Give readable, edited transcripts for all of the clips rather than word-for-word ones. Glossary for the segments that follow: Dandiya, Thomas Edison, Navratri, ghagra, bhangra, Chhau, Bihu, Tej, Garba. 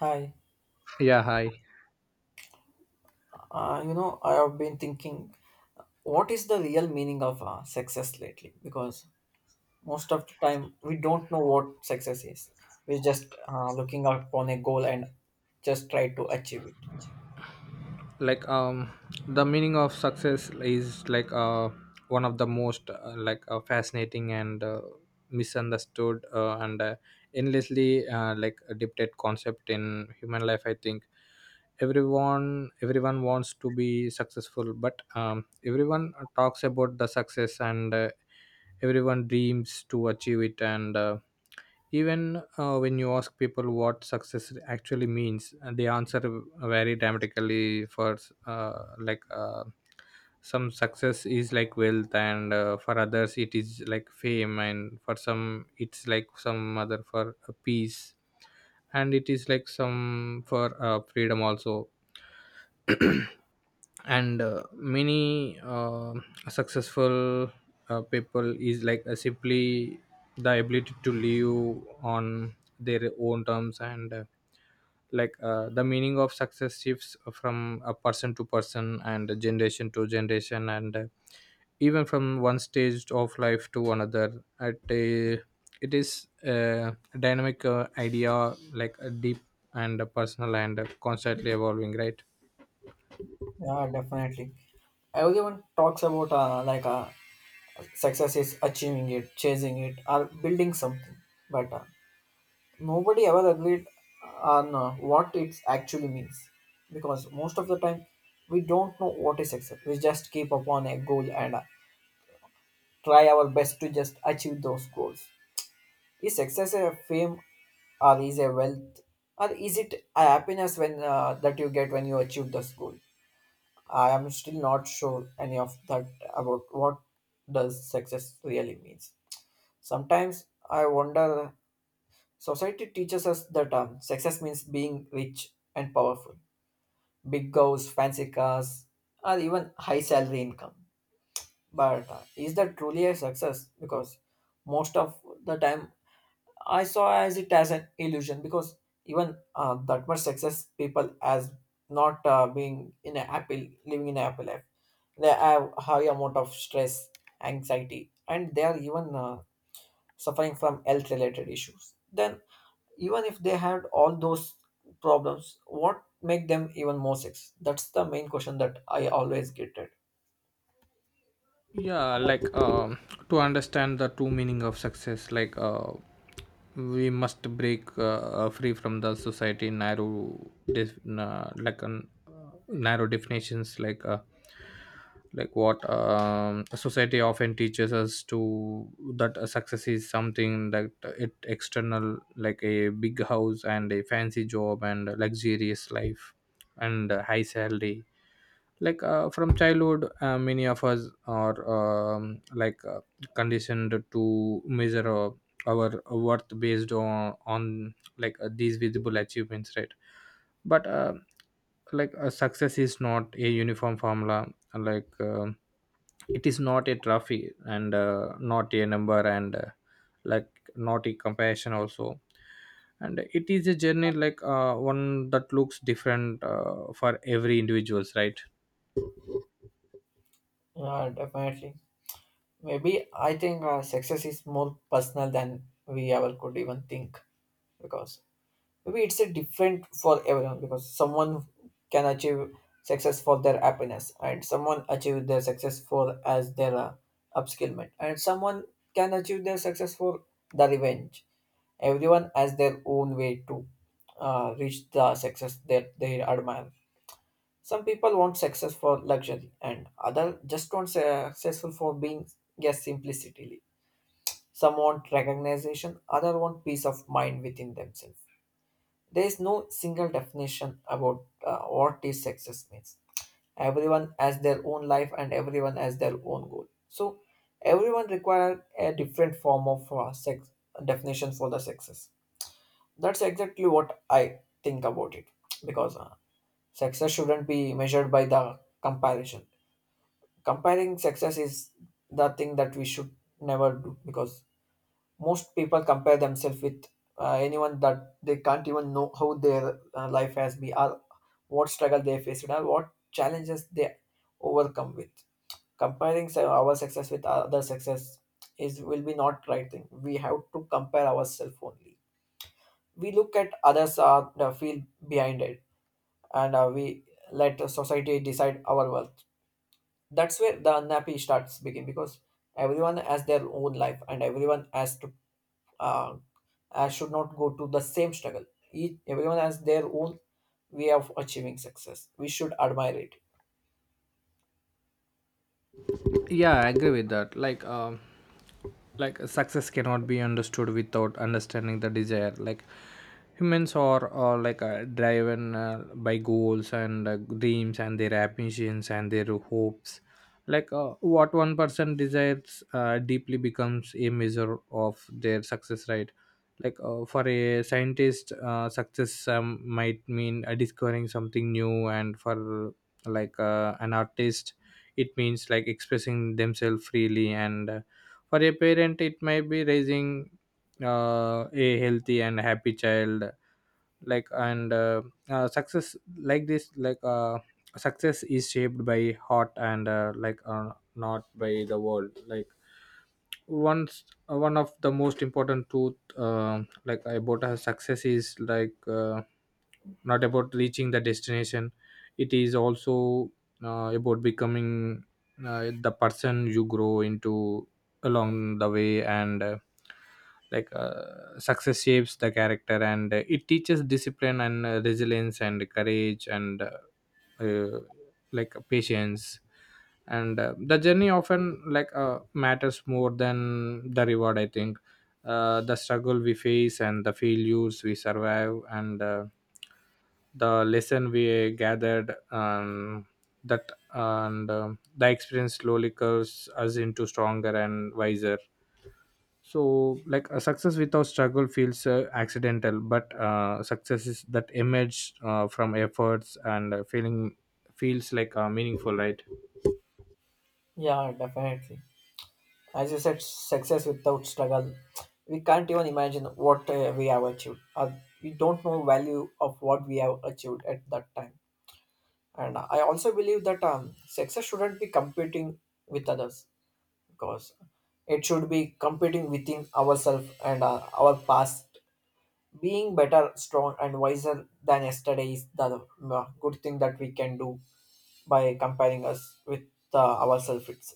Hi, Yeah, hi. You know, I have been thinking, what is the real meaning of success lately? Because most of the time, we don't know what success is. We're just looking upon a goal and just try to achieve it. like um the meaning of success is like one of the most fascinating and misunderstood and endlessly a debated concept in human life, I think. Everyone wants to be successful, but everyone talks about the success, and everyone dreams to achieve it. And Even when you ask people what success actually means, they answer very dramatically. For uh, like uh, some, success is like wealth, and for others it is like fame, and for some it's like some other, for peace, and it is like some for freedom also, and many successful people is simply the ability to live on their own terms. And like The meaning of success shifts from a person to person, and generation to generation, and even from one stage of life to another. It is a dynamic idea, like a deep and personal and constantly evolving, right? Yeah, definitely. Everyone talks about success is achieving it, chasing it, or building something. But nobody ever agreed on what it actually means, because most of the time we don't know what is success. We just keep upon a goal and try our best to just achieve those goals. Is success a fame, or is a wealth, or is it a happiness when that you get when you achieve this goal? I am still not sure any of that about what does success really means. Sometimes I wonder. Society teaches us that success means being rich and powerful, big goals, fancy cars, or even high salary income. But is that truly a success? Because most of the time, I saw as it as an illusion. Because even that much success, people as not being in a happy, living in a happy life, they have high amount of stress, anxiety, and they are even suffering from health related issues. Then even if they had all those problems, what make them even more sex, that's the main question that I always get at. yeah like um to understand the true meaning of success, we must break free from the society narrow def- na- like an narrow definitions. Like what, society often teaches us to that a success is something that it external, like a big house, and a fancy job, and a luxurious life, and a high salary. From childhood, many of us are conditioned to measure our worth based on these visible achievements, right? But success is not a uniform formula. like uh, it is not a trophy, and not a number, and like not a comparison also, and it is a journey, one that looks different for every individuals, right? Yeah, definitely. Maybe I think success is more personal than we ever could even think, because maybe it's a different for everyone, because someone can achieve success for their happiness, and someone achieve their success for as their upskillment, and someone can achieve their success for the revenge. Everyone has their own way to reach the success that they admire. Some people want success for luxury, and other just want successful for being, yes, simplicity. Some want recognition, other want peace of mind within themselves. There is no single definition about what is success means. Everyone has their own life, and everyone has their own goal. So everyone require a different form of sex definition for the success. That's exactly what I think about it, because success shouldn't be measured by the comparison. Comparing success is the thing that we should never do, because most people compare themselves with anyone that they can't even know how their life has been, or what struggle they faced, or what challenges they overcome with. Comparing our success with other success is will be not right thing. We have to compare ourselves only. We look at others and feel behind it, and we let society decide our wealth. That's where the unhappy starts begin, because everyone has their own life, and everyone has to uh, should not go to the same struggle. Each, everyone has their own way of achieving success. We should admire it. Yeah, I agree with that. Like success cannot be understood without understanding the desire. Like humans are driven by goals, and dreams, and their ambitions, and their hopes. What one person desires deeply becomes a measure of their success, right? For a scientist, success might mean discovering something new, and for an artist, it means like expressing themselves freely, and for a parent, it might be raising a healthy and happy child. Like and Success like this, success is shaped by heart, and not by the world. Once, one of the most important truth about a success is not about reaching the destination, it is also about becoming the person you grow into along the way. And like Success shapes the character, and it teaches discipline, and resilience, and courage, and patience. And The journey often matters more than the reward, I think. The struggle we face, and the failures we survive, and the lesson we gathered, that and the experience slowly curves us into stronger and wiser. So like a success without struggle feels accidental, but success is that emerged from efforts and feeling feels meaningful, right? Yeah, definitely. As you said, success without struggle, we can't even imagine what we have achieved. We don't know value of what we have achieved at that time. And I also believe that success shouldn't be competing with others, because it should be competing within ourselves and our past. Being better, strong, and wiser than yesterday is the good thing that we can do by comparing us with ourselves. It's,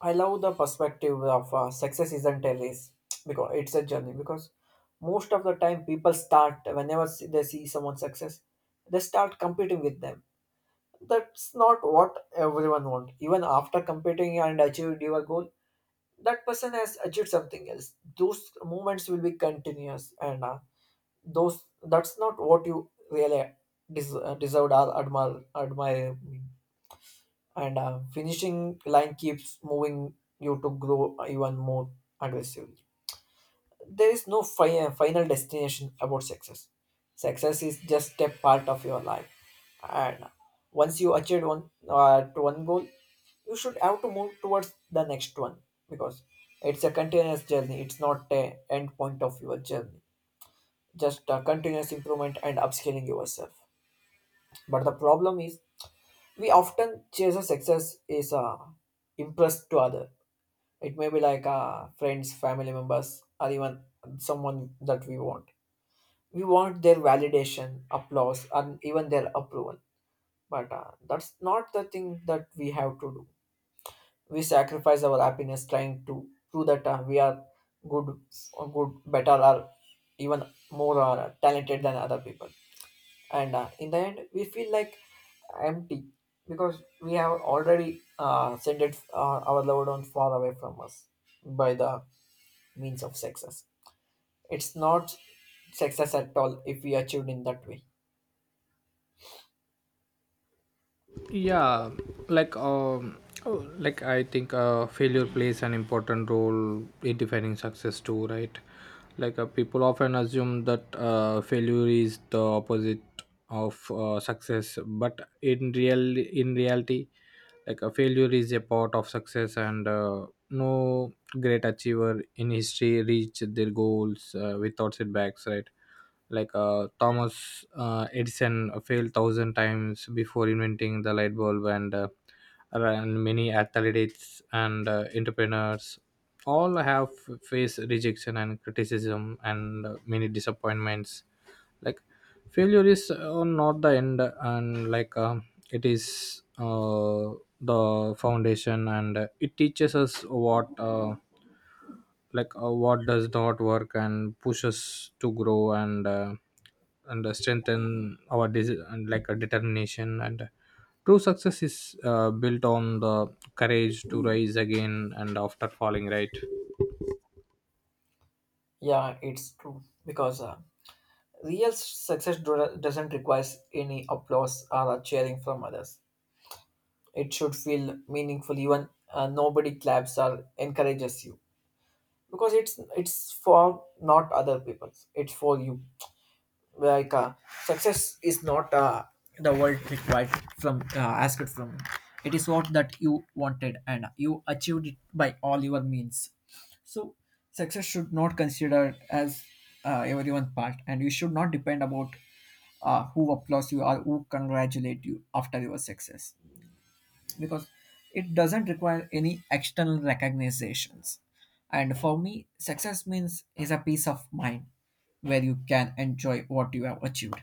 I love the perspective of success isn't a race, because it's a journey. Because most of the time, people start whenever they see someone success, they start competing with them. That's not what everyone wants. Even after competing and achieved your goal, that person has achieved something else. Those moments will be continuous, and those, that's not what you really deserved or admire. Admire, and finishing line keeps moving you to grow even more aggressively. There is no final destination about success. Success is just a part of your life, and once you achieved one to one goal, you should have to move towards the next one, because it's a continuous journey, it's not a end point of your journey, just a continuous improvement and upscaling yourself. But the problem is, we often chase a success is a impress to other. It may be like friends, family members, or even someone that we want. We want their validation, applause, and even their approval. But that's not the thing that we have to do. We sacrifice our happiness trying to prove that we are good, or good, better, or even more talented than other people, and in the end we feel like empty, because we have already sent it, our loved ones far away from us by the means of success. It's not success at all if we achieved in that way. Yeah like um oh, like I think failure plays an important role in defining success too, right? People often assume that failure is the opposite of success, but in reality, like a failure is a part of success, and no great achiever in history reached their goals without setbacks, right? Thomas Edison failed thousand times before inventing the light bulb, and many athletes, and entrepreneurs all have faced rejection, and criticism, and many disappointments. Like failure is not the end, and it is the foundation, and it teaches us what, what does not work, and pushes to grow, and strengthen our desi- and like a determination, and true success is built on the courage to rise again and after falling, right? Yeah, it's true, because real success doesn't require any applause or cheering from others. It should feel meaningful even nobody claps or encourages you, because it's for not other people, it's for you. Like success is not the world required from asked from you. It is what that you wanted, and you achieved it by all your means. So success should not considered as everyone's part, and you should not depend about who applauds you or who congratulate you after your success, because it doesn't require any external recognitions. And for me, success means is a peace of mind where you can enjoy what you have achieved.